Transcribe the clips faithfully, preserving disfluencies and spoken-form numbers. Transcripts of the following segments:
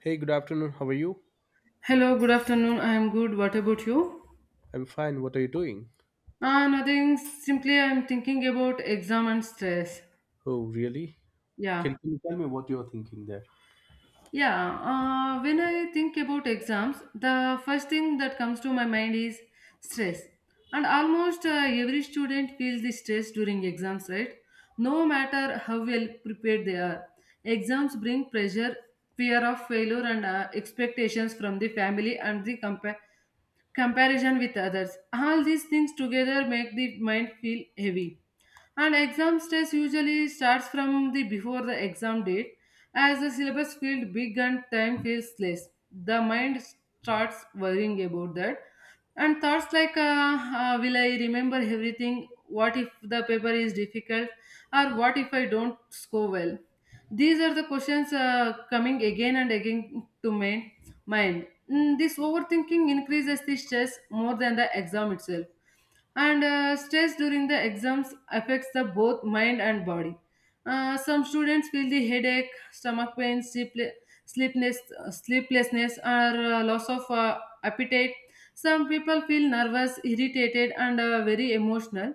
Hey, good afternoon. How are you? Hello, good afternoon. I am good. What about you? I'm fine. What are you doing? Ah, nothing. Simply, I am thinking about exam and stress. Oh, really? Yeah. Can, can you tell me what you're thinking there? Yeah. Uh, when I think about exams, the first thing that comes to my mind is stress. And almost uh, every student feels the stress during exams, right? No matter how well prepared they are, exams bring pressure, fear of failure, and uh, expectations from the family and the compa- comparison with others. All these things together make the mind feel heavy, and exam stress usually starts from the before the exam date, as the syllabus feels big and time feels less. The mind starts worrying about that, and thoughts like uh, uh, will I remember everything? What if the paper is difficult, or what if I don't score well? These are the questions uh, coming again and again to my mind. Mm, this overthinking increases the stress more than the exam itself. And uh, stress during the exams affects the both mind and body. Uh, some students feel the headache, stomach pain, sleepl- sleepless, sleeplessness, or uh, loss of uh, appetite. Some people feel nervous, irritated, and uh, very emotional.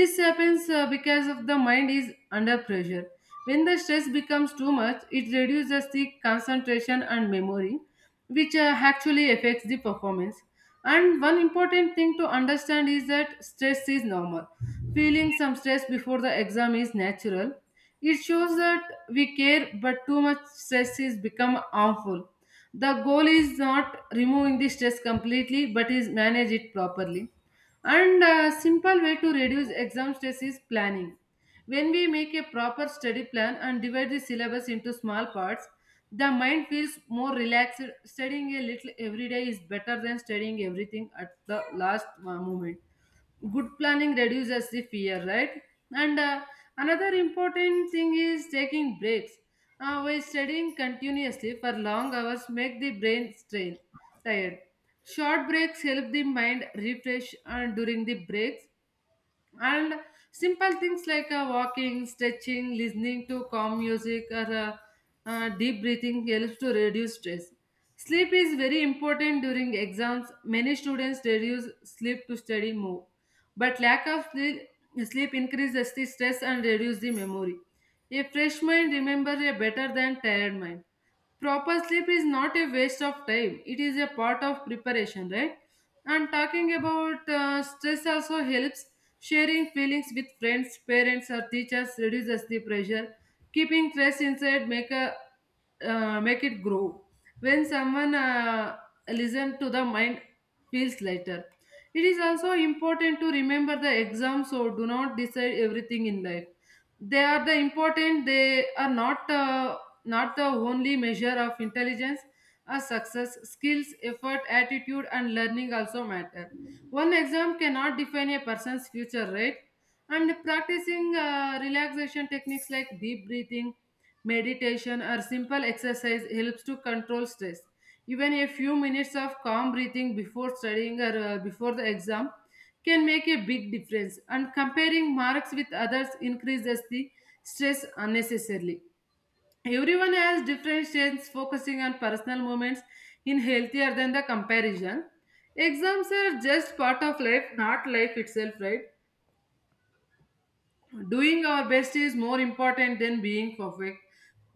This happens uh, because of the mind is under pressure. When the stress becomes too much, it reduces the concentration and memory, which uh, actually affects the performance. And one important thing to understand is that stress is normal. Feeling some stress before the exam is natural. It shows that we care, but too much stress is become harmful. The goal is not removing the stress completely, but is manage it properly. And a simple way to reduce exam stress is planning. When we make a proper study plan and divide the syllabus into small parts, the mind feels more relaxed. Studying a little every day is better than studying everything at the last uh, moment. Good planning reduces the fear, right? And uh, another important thing is taking breaks. Uh, while studying continuously for long hours make the brain strain, tired. Short breaks help the mind refresh uh, during the breaks. And simple things like uh, walking, stretching, listening to calm music, or uh, uh, deep breathing helps to reduce stress. Sleep is very important during exams. Many students reduce sleep to study more, but lack of sleep, sleep increases the stress and reduces the memory. A fresh mind remembers a better than tired mind. Proper sleep is not a waste of time. It is a part of preparation, right? And talking about uh, stress also helps. Sharing feelings with friends, parents, or teachers reduces the pressure. Keeping stress inside make a uh, make it grow. When someone uh, listen to the mind feels lighter. It is also important to remember the exams, so do not decide everything in life. They are the important. They are not uh, not the only measure of intelligence. A success. Skills, effort, attitude, and learning also matter. One exam cannot define a person's future, right? And practicing uh, relaxation techniques like deep breathing, meditation, or simple exercise helps to control stress. Even a few minutes of calm breathing before studying or uh, before the exam can make a big difference. And comparing marks with others increases the stress unnecessarily. Everyone has different strengths, focusing on personal moments in healthier than the comparison. Exams are just part of life, not life itself, right? Doing our best is more important than being perfect.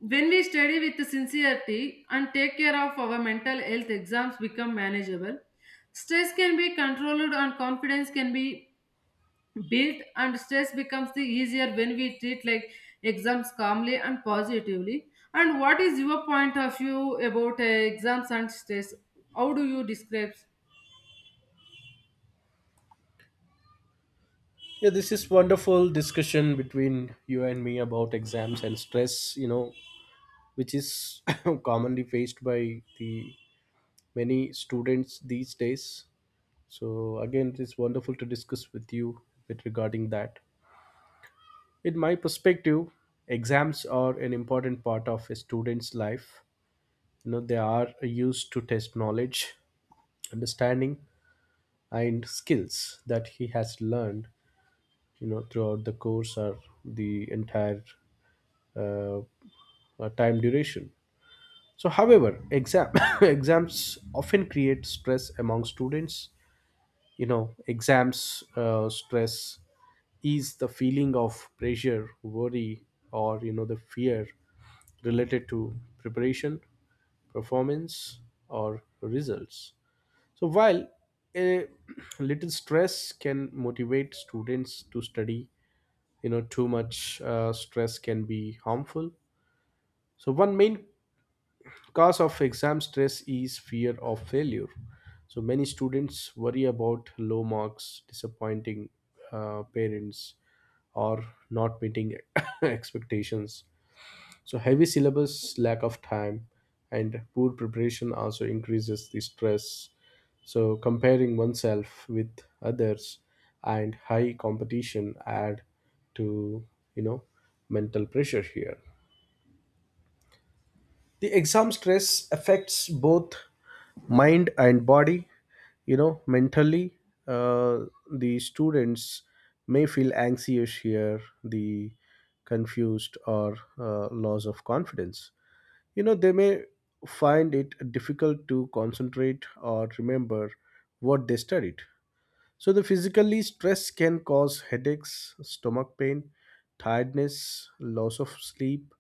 When we study with sincerity and take care of our mental health, exams become manageable. Stress can be controlled and confidence can be. Guilt and stress becomes the easier when we treat like exams calmly and positively. And what is your point of view about uh, exams and stress? How do you describe? Yeah, this is wonderful discussion between you and me about exams and stress, you know, which is commonly faced by the many students these days. So again, it is wonderful to discuss with you with regarding that. In my perspective, exams are an important part of a student's life. You know, they are used to test knowledge, understanding, and skills that he has learned, you know, throughout the course or the entire uh, uh, time duration. So however, exam exams often create stress among students. You know, exams uh, stress is the feeling of pressure, worry, or you know, the fear related to preparation, performance, or results. So while a little stress can motivate students to study, you know, too much uh, stress can be harmful. So one main cause of exam stress is fear of failure. So many students worry about low marks, disappointing uh, parents, or not meeting expectations. So heavy syllabus, lack of time, and poor preparation also increases the stress. So comparing oneself with others and high competition add to, you know, mental pressure here. The exam stress affects both mind and body. You know, mentally, uh, the students may feel anxious here, the confused or uh, loss of confidence. You know, they may find it difficult to concentrate or remember what they studied. So the physically stress can cause headaches, stomach pain, tiredness, loss of sleep,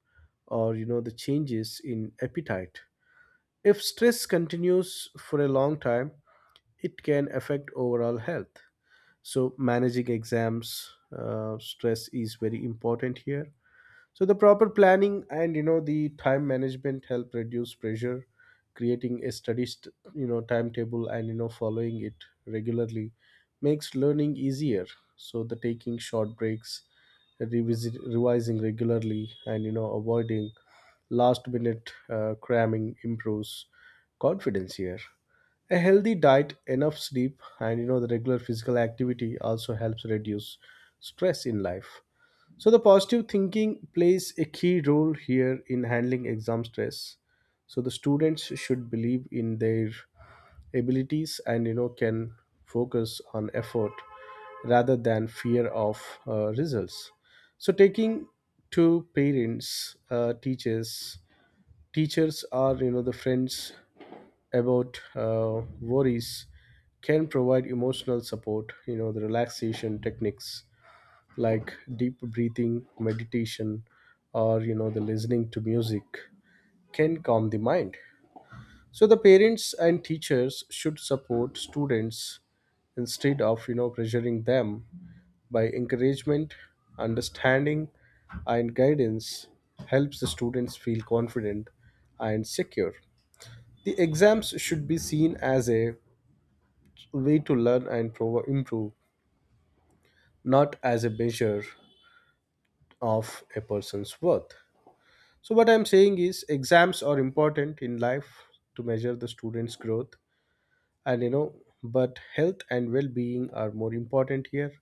or you know, the changes in appetite. If stress continues for a long time, it can affect overall health. So managing exams uh, stress is very important here. So the proper planning and you know, the time management help reduce pressure. Creating a study st- you know, timetable, and you know, following it regularly makes learning easier. So the taking short breaks, revisit revising regularly, and you know, avoiding last minute uh, cramming improves confidence here. A healthy diet, enough sleep, and you know, the regular physical activity also helps reduce stress in life. So the positive thinking plays a key role here in handling exam stress. So the students should believe in their abilities and you know, can focus on effort rather than fear of uh, results. So taking to parents, uh, teachers, teachers are you know, the friends about uh, worries, can provide emotional support. You know, the relaxation techniques like deep breathing, meditation, or you know, the listening to music can calm the mind. So the parents and teachers should support students instead of you know, pressuring them by encouragement, understanding, and guidance helps the students feel confident and secure. The exams should be seen as a way to learn and prov- improve, not as a measure of a person's worth. So what I'm saying is, exams are important in life to measure the student's growth, and you know, but health and well being are more important here.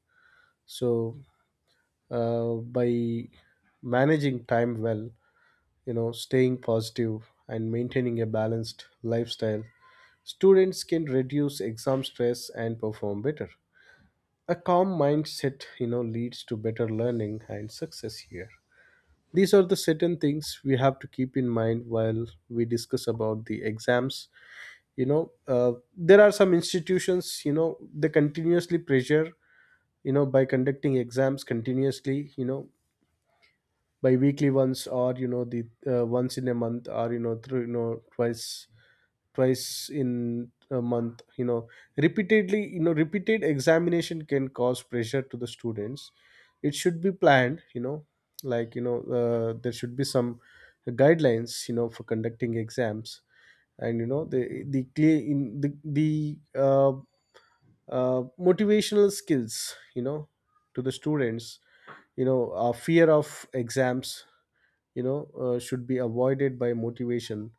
So, uh, by managing time well, you know, staying positive and maintaining a balanced lifestyle, students can reduce exam stress and perform better. A calm mindset, you know, leads to better learning and success here. These are the certain things we have to keep in mind while we discuss about the exams. You know, uh, there are some institutions, you know, they continuously pressure, you know, by conducting exams continuously, you know, by weekly ones, or you know, the uh, once in a month, or you know, through, you know, twice twice in a month, you know, repeatedly. You know, repeated examination can cause pressure to the students. It should be planned, you know, like you know, uh, there should be some guidelines, you know, for conducting exams. And you know, the the clear in the the uh, uh, motivational skills, you know, to the students, you know, uh, fear of exams, you know, uh, should be avoided by motivation,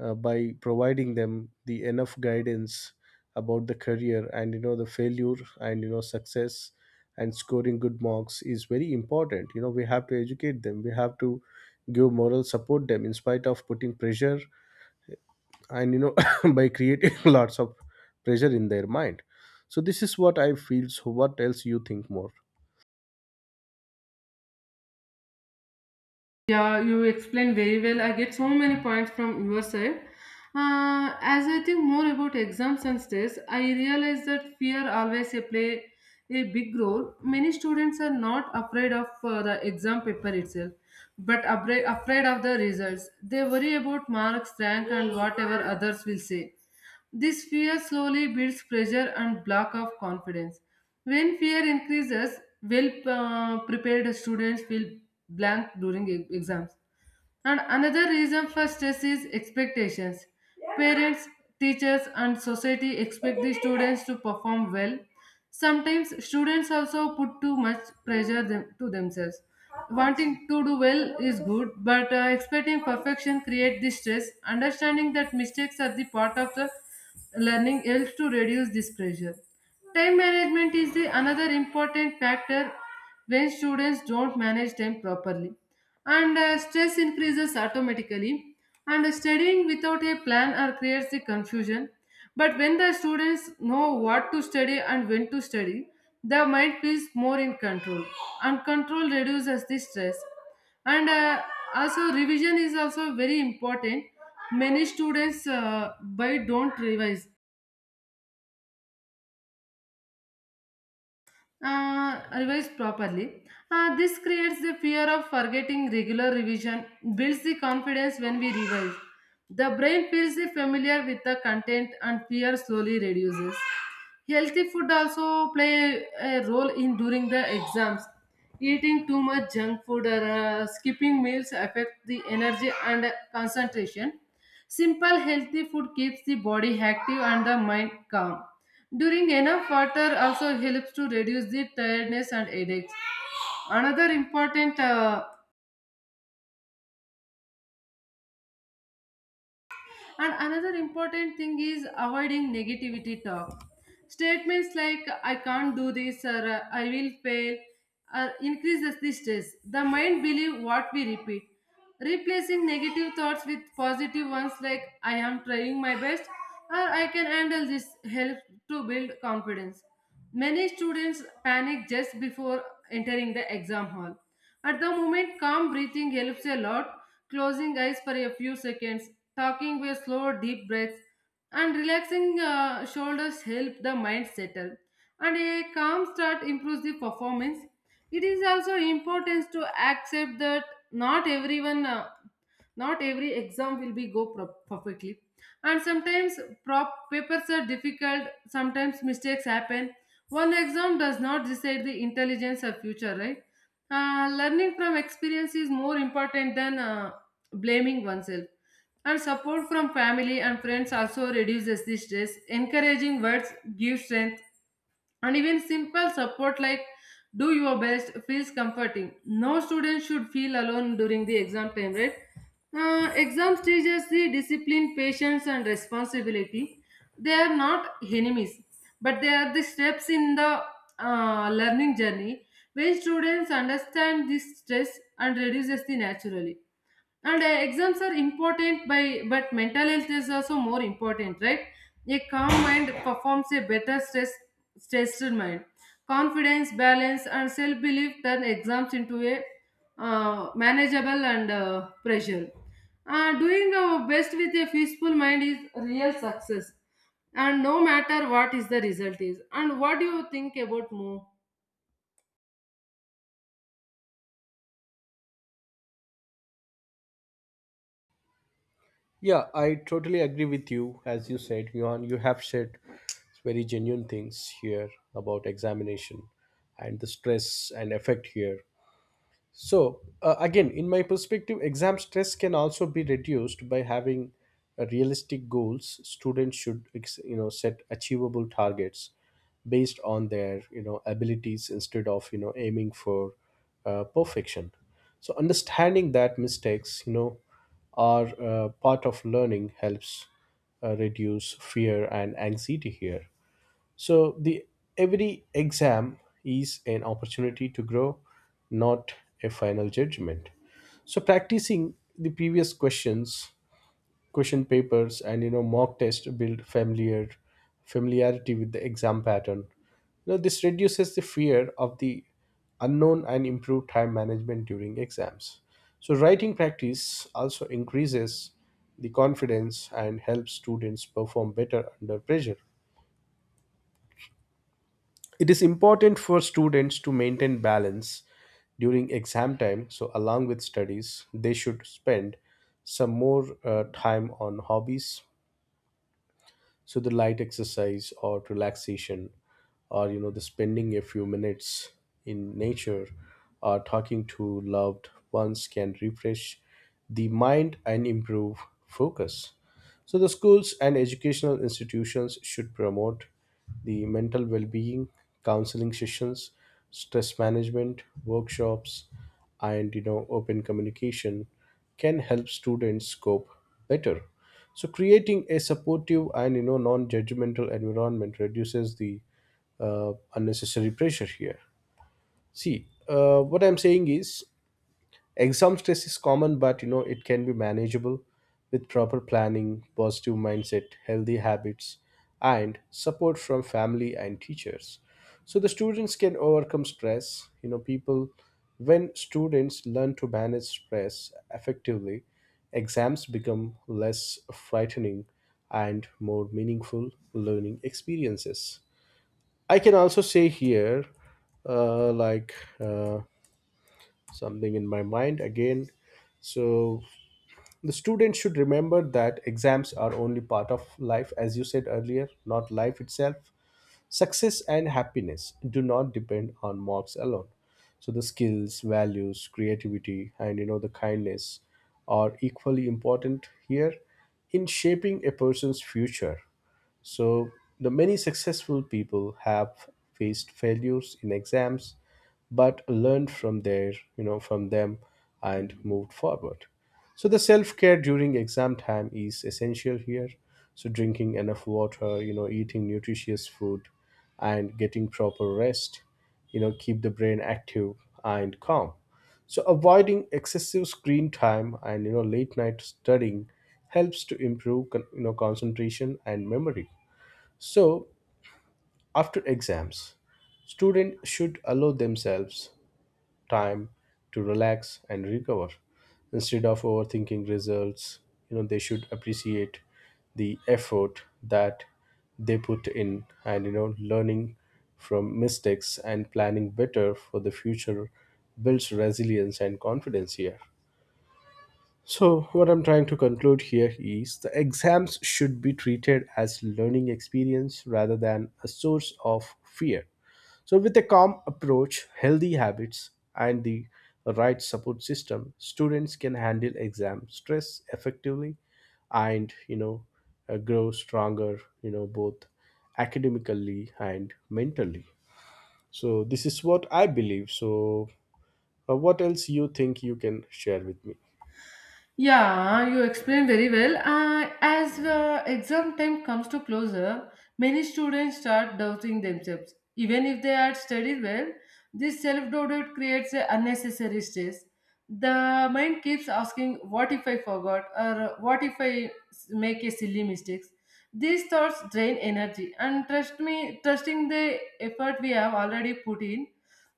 uh, by providing them the enough guidance about the career and you know, the failure and you know, success. And scoring good marks is very important. You know, we have to educate them, we have to give moral support them in spite of putting pressure and you know by creating lots of pressure in their mind. So this is what I feel. So what else you think more? Yeah, you explained very well. I get so many points from your side. Uh, as I think more about exams and stress, I realize that fear always a play a big role. Many students are not afraid of uh, the exam paper itself, but abra- afraid of the results. They worry about marks, rank, and whatever others will say. This fear slowly builds pressure and block of confidence. When fear increases, well uh, prepared students feel blank during e- exams. And another reason for stress is expectations. Parents, teachers, and society expect the students to perform well. Sometimes students also put too much pressure them, to themselves. Wanting to do well is good, but uh, expecting perfection creates the stress. Understanding that mistakes are the part of the learning helps to reduce this pressure. Time management is the another important factor. When students don't manage time properly, and uh, stress increases automatically, and studying without a plan or creates the confusion. But when the students know what to study and when to study, the mind feels more in control. And control reduces the stress. And uh, also revision is also very important. Many students uh, by don't revise uh, revised properly. Uh, this creates the fear of forgetting. Regular revision builds the confidence when we revise. The brain feels familiar with the content and fear slowly reduces. Healthy food also play a role in during the exams. Eating too much junk food or uh, skipping meals affect the energy and concentration. Simple healthy food keeps the body active and the mind calm. During enough water also helps to reduce the tiredness and headaches. Another important uh, And another important thing is avoiding negativity talk. Statements like I can't do this or uh, I will fail or increases the stress. The mind believes what we repeat. Replacing negative thoughts with positive ones like I am trying my best or I can handle this helps to build confidence. Many students panic just before entering the exam hall. At the moment, calm breathing helps a lot. Closing eyes for a few seconds, talking with slow, deep breaths, and relaxing uh, shoulders help the mind settle. And a calm start improves the performance. It is also important to accept that not everyone uh, not every exam will be go pro- perfectly, and sometimes prop papers are difficult. Sometimes mistakes happen. One exam does not decide the intelligence of future, right? Uh, learning from experience is more important than uh, blaming oneself. And support from family and friends also reduces the stress. Encouraging words give strength, and even simple support like do your best feels comforting. No student should feel alone during the exam time, right? Uh, exams teaches the discipline, patience, and responsibility. They are not enemies, but they are the steps in the uh, learning journey. When students understand this, stress and reduces the naturally. And uh, exams are important by but mental health is also more important, right? A calm mind performs a better stress stressed mind. Confidence, balance, and self belief turn exams into a uh, manageable and uh, pressure. Uh, doing our best with a peaceful mind is real success, and no matter what is the result is. And what do you think about more? Yeah, I totally agree with you. As you said, Johan, you have said very genuine things here about examination and the stress and effect here. So, uh, again, in my perspective, exam stress can also be reduced by having uh, realistic goals. Students should, ex- you know, set achievable targets based on their, you know, abilities instead of, you know, aiming for uh, perfection. So understanding that mistakes, you know, are uh, part of learning helps uh, reduce fear and anxiety here. So the every exam is an opportunity to grow, not a final judgment. So practicing the previous questions, question papers, and you know, mock test build familiar familiarity with the exam pattern. You know, this reduces the fear of the unknown and improve time management during exams. So writing practice also increases the confidence and helps students perform better under pressure. It is important for students to maintain balance during exam time. So along with studies, they should spend some more uh, time on hobbies. So the light exercise or relaxation, or you know, the spending a few minutes in nature or talking to loved ones can refresh the mind and improve focus. So the schools and educational institutions should promote the mental well-being, counseling sessions, stress management, workshops, and you know, open communication can help students cope better. So creating a supportive and you know, non-judgmental environment reduces the uh, unnecessary pressure here. See, uh, what I'm saying is exam stress is common, but you know, it can be manageable with proper planning, positive mindset, healthy habits, and support from family and teachers. So the students can overcome stress. You know, people when students learn to manage stress effectively, exams become less frightening and more meaningful learning experiences. I can also say here, uh, like. Uh, something in my mind again. So the student should remember that exams are only part of life, as you said earlier, not life itself. Success and happiness do not depend on marks alone. So the skills, values, creativity, and you know, the kindness are equally important here in shaping a person's future. So the many successful people have faced failures in exams, but learned from their, you know, from them and moved forward. So the self care during exam time is essential here. So drinking enough water, you know, eating nutritious food, and getting proper rest, you know, keep the brain active and calm. So avoiding excessive screen time and you know, late night studying helps to improve con- you know, concentration and memory. So after exams, students should allow themselves time to relax and recover. Instead of overthinking results, you know, they should appreciate the effort that they put in, and you know, learning from mistakes and planning better for the future builds resilience and confidence here. So what I'm trying to conclude here is the exams should be treated as learning experience rather than a source of fear. So with a calm approach, healthy habits, and the right support system, students can handle exam stress effectively and, you know, uh, grow stronger, you know, both academically and mentally. So this is what I believe. So, uh, what else you think you can share with me? Yeah, you explained very well. Uh, as uh, exam time comes to closer, many students start doubting themselves. Even if they had studied well, this self doubt creates a unnecessary stress. The mind keeps asking, "What if I forgot?" or "What if I s- make a silly mistakes?" These thoughts drain energy, and trust me, trusting the effort we have already put in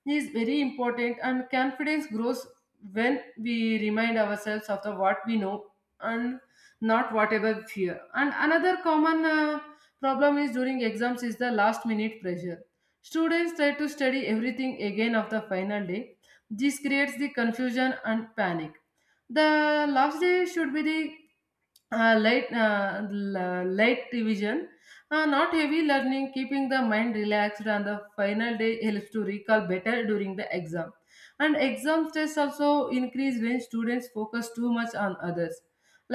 is very important. And confidence grows when we remind ourselves of the what we know and not whatever fear. And another common uh, problem is during exams is the last minute pressure. Students try to study everything again of the final day. This creates the confusion and panic. The last day should be the uh, light uh, l- light revision, uh, not heavy learning. Keeping the mind relaxed on the final day helps to recall better during the exam. And exam stress also increase when students focus too much on others,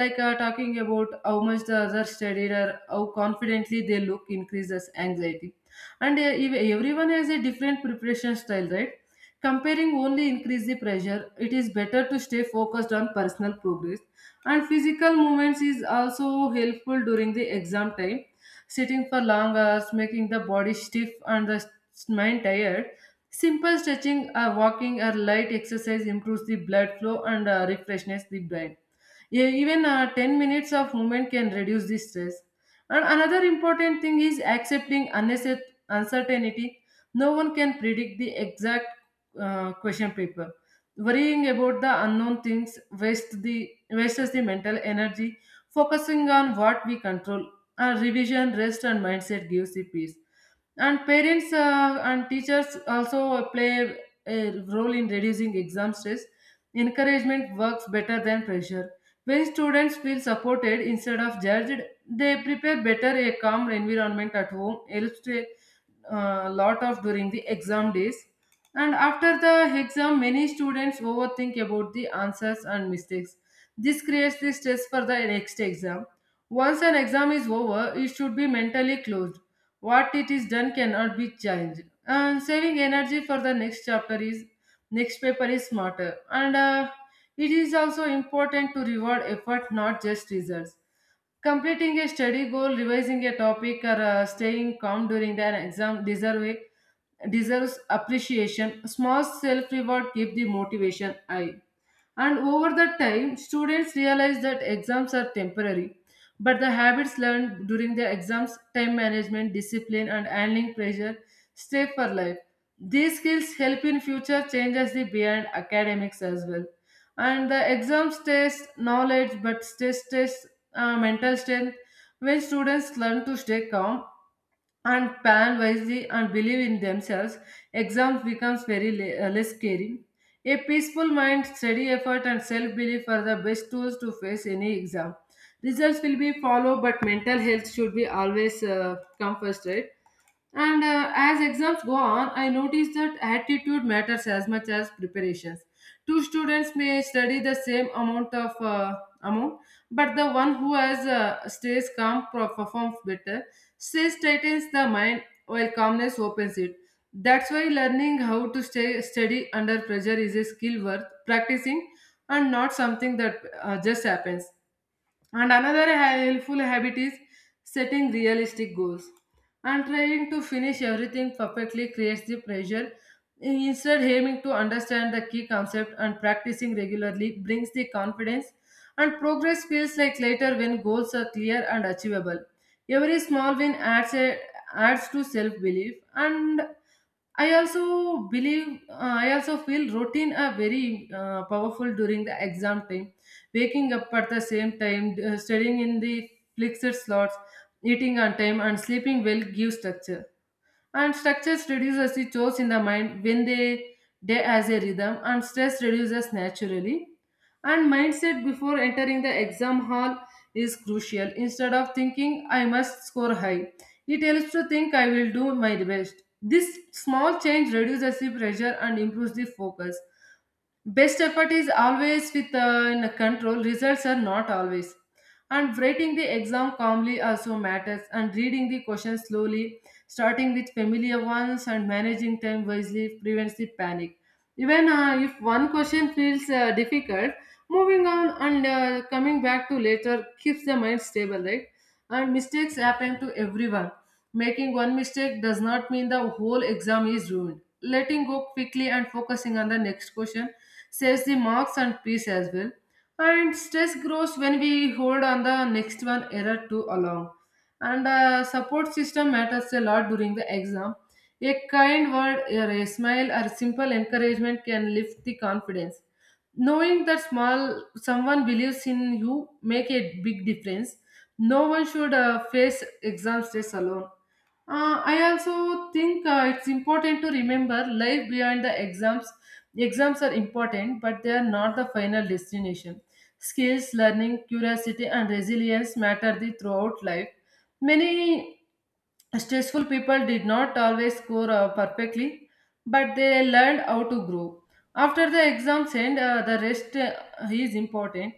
like uh, talking about how much the other studied or how confidently they look increases anxiety. And uh, ev- everyone has a different preparation style, right? Comparing only increase the pressure. It is better to stay focused on personal progress. And physical movements is also helpful during the exam time. Sitting for long hours making the body stiff and the s- mind tired. Simple stretching or walking or light exercise improves the blood flow and uh, refreshes the brain. E- even uh, ten minutes of movement can reduce the stress. And another important thing is accepting unnecess- uncertainty. No one can predict the exact uh, question paper. Worrying about the unknown things wastes the wastes the mental energy. Focusing on what we control, our revision, rest, and mindset gives the peace. And parents uh, and teachers also play a role in reducing exam stress. Encouragement works better than pressure. When students feel supported instead of judged, they prepare better. A calm environment at home helps to a lot of during the exam days, and after the exam many students overthink about the answers and mistakes. This creates the stress for the next exam. Once an exam is over, it should be mentally closed. What it is done cannot be changed, and saving energy for the next chapter is next paper is smarter and uh, it is also important to reward effort, not just results. Completing a study goal, revising a topic, or uh, staying calm during an exam deserve, deserves appreciation. Small self reward keep the motivation high. And over the time, students realize that exams are temporary, but the habits learned during the exams, time management, discipline, and handling pressure, stay for life. These skills help in future changes the beyond academics as well. And the exams test knowledge, but stress test uh, mental strength. When students learn to stay calm and plan wisely and believe in themselves, exams becomes very le- uh, less scary. A peaceful mind, steady effort, and self-belief are the best tools to face any exam. Results will be followed, but mental health should be always uh, come first, right? And uh, as exams go on, I notice that attitude matters as much as preparations. Two students may study the same amount of uh, amount, but the one who has uh, stays calm pro- performs better. Stress tightens the mind while calmness opens it. That's why learning how to stay steady under pressure is a skill worth practicing and not something that uh, just happens. And another helpful habit is setting realistic goals. And trying to finish everything perfectly creates the pressure. Instead, aiming to understand the key concept and practicing regularly brings the confidence, and progress feels like later when goals are clear and achievable. Every small win adds, a, adds to self belief, and I also believe, uh, I also feel routine are very uh, powerful during the exam time. Waking up at the same time, uh, studying in the fixed slots, eating on time, and sleeping well give structure. And structures reduces the chores in the mind when they day as a rhythm, and stress reduces naturally. And mindset before entering the exam hall is crucial. Instead of thinking I must score high, it helps to think I will do my best. This small change reduces the pressure and improves the focus. Best effort is always with uh, in control, results are not always. And writing the exam calmly also matters, and reading the questions slowly, starting with familiar ones and managing time wisely prevents the panic. Even uh, if one question feels uh, difficult, moving on and uh, coming back to later keeps the mind stable, right? And mistakes happen to everyone. Making one mistake does not mean the whole exam is ruined. Letting go quickly and focusing on the next question saves the marks and peace as well. And stress grows when we hold on the next one error too along. And uh, support system matters a lot during the exam. A kind word, or a smile, or simple encouragement can lift the confidence knowing that small someone believes in you make a big difference. No one should uh, face exam stress alone. Uh, i also think uh, it's important to remember life beyond the exams. Exams are important, but they are not the final destination. Skills, learning, curiosity, and resilience matter the throughout life. Many stressful people did not always score uh, perfectly, but they learned how to grow. After the exams end, uh, the rest uh, is important.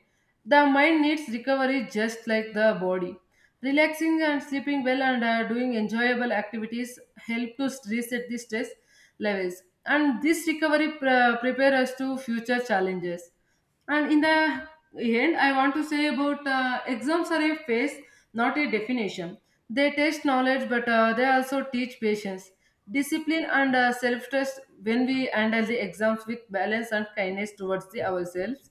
The mind needs recovery just like the body. Relaxing and sleeping well and uh, doing enjoyable activities help to reset the stress levels, and this recovery pre- prepare us to future challenges, and in the end I want to say about uh, exams are a phase, not a definition. They test knowledge, but uh, they also teach patience, discipline, and uh, self-trust. When we handle the exams with balance and kindness towards the ourselves,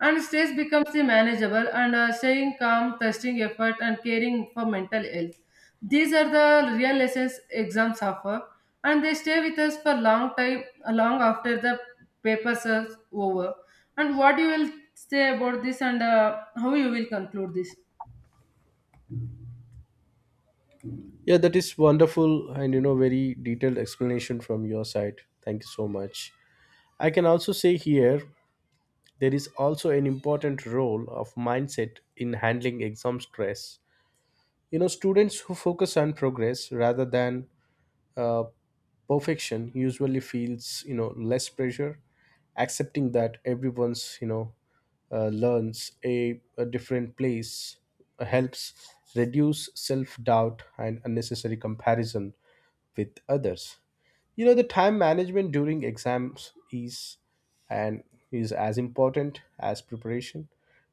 and stress becomes the manageable and uh, staying calm, trusting effort, and caring for mental health. These are the real lessons exams offer, and they stay with us for long time, uh, long after the papers are over. And what you will say about this, and uh, how you will conclude this? Yeah, that is wonderful and you know, very detailed explanation from your side. Thank you so much. I can also say here, there is also an important role of mindset in handling exam stress. You know, students who focus on progress rather than uh, perfection usually feels you know, less pressure, accepting that everyone's you know, uh, learns a, a different place, uh, helps reduce self doubt and unnecessary comparison with others. You know, the time management during exams is and is as important as preparation.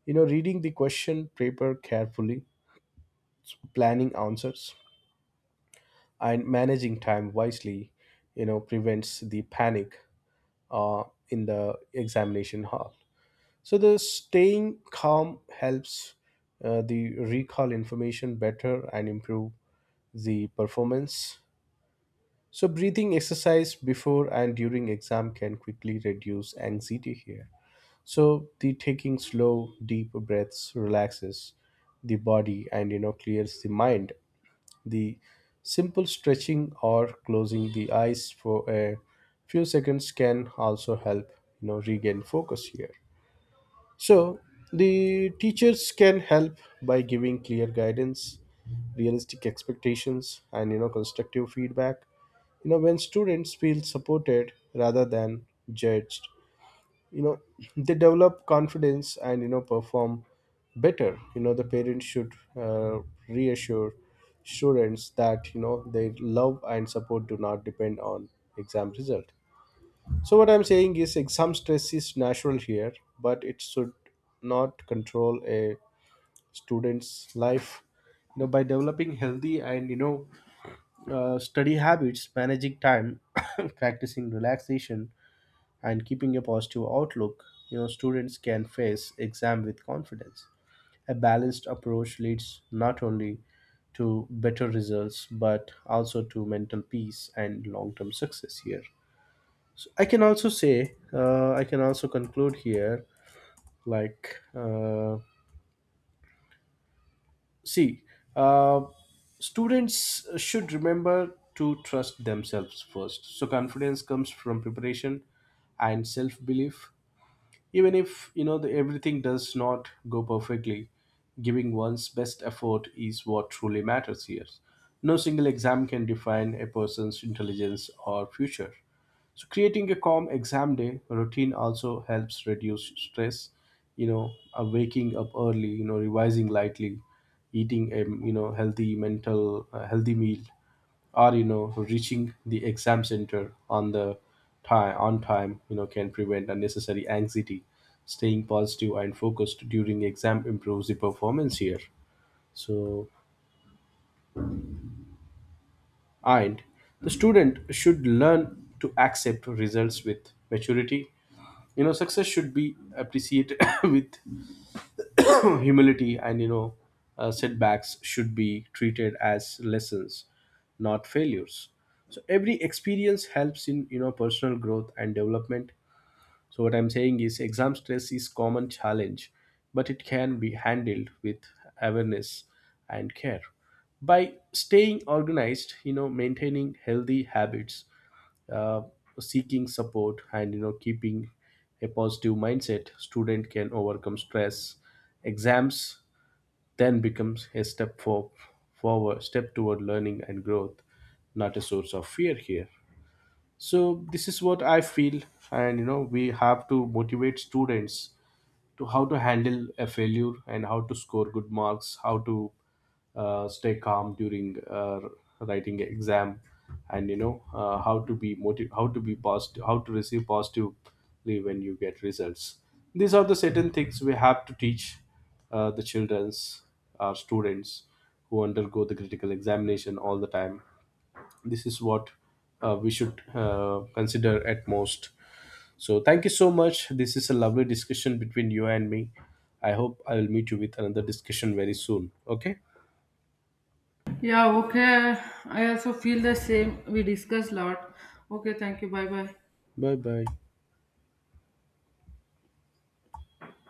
You know, reading the question paper carefully, planning answers, and managing time wisely, you know, prevents the panic uh, in the examination hall. So the staying calm helps uh, the recall information better and improve the performance. So breathing exercise before and during exam can quickly reduce anxiety here. So the taking slow, deep breaths relaxes the body and you know, clears the mind. The simple stretching or closing the eyes for a few seconds can also help, you know, regain focus here. So the teachers can help by giving clear guidance, realistic expectations, and you know, constructive feedback. You know, when students feel supported rather than judged, you know, they develop confidence and you know, perform better. You know, the parents should uh, reassure students that you know, their love and support do not depend on exam result. So what I'm saying is exam stress is natural here, but it should not control a student's life. You know, by developing healthy and you know, uh, study habits, managing time, practicing relaxation, and keeping a positive outlook, you know, students can face exam with confidence. A balanced approach leads not only to better results but also to mental peace and long-term success here. I can also say, uh, I can also conclude here, like. Uh, See, uh, students should remember to trust themselves first. So confidence comes from preparation and self-belief. Even if you know the, everything does not go perfectly, giving one's best effort is what truly matters here. No single exam can define a person's intelligence or future. So creating a calm exam day routine also helps reduce stress. You know, uh, waking up early, you know, revising lightly, eating a you know, healthy mental uh, healthy meal, or you know, reaching the exam center on the time on time. You know, can prevent unnecessary anxiety. Staying positive and focused during exam improves the performance here. So and the student should learn to accept results with maturity. You know, success should be appreciated with humility and you know, uh, setbacks should be treated as lessons, not failures. So every experience helps in you know, personal growth and development. So what I'm saying is exam stress is common challenge, but it can be handled with awareness and care. By staying organized, you know, maintaining healthy habits, uh, seeking support, and you know, keeping a positive mindset, student can overcome stress. Exams then becomes a step for, forward step toward learning and growth, not a source of fear here. So this is what I feel. And you know, we have to motivate students to how to handle a failure and how to score good marks, how to uh, stay calm during uh, writing an exam, and you know, uh, how to be motiv- how to be positive, how to receive positively when you get results. These are the certain things we have to teach uh, the children's, our students, who undergo the critical examination all the time. This is what, uh, we should uh, consider at most. So thank you so much. This is a lovely discussion between you and me. I hope I will meet you with another discussion very soon. Okay? Yeah, okay. I also feel the same. We discussed lot. Okay, thank you. Bye bye. Bye bye.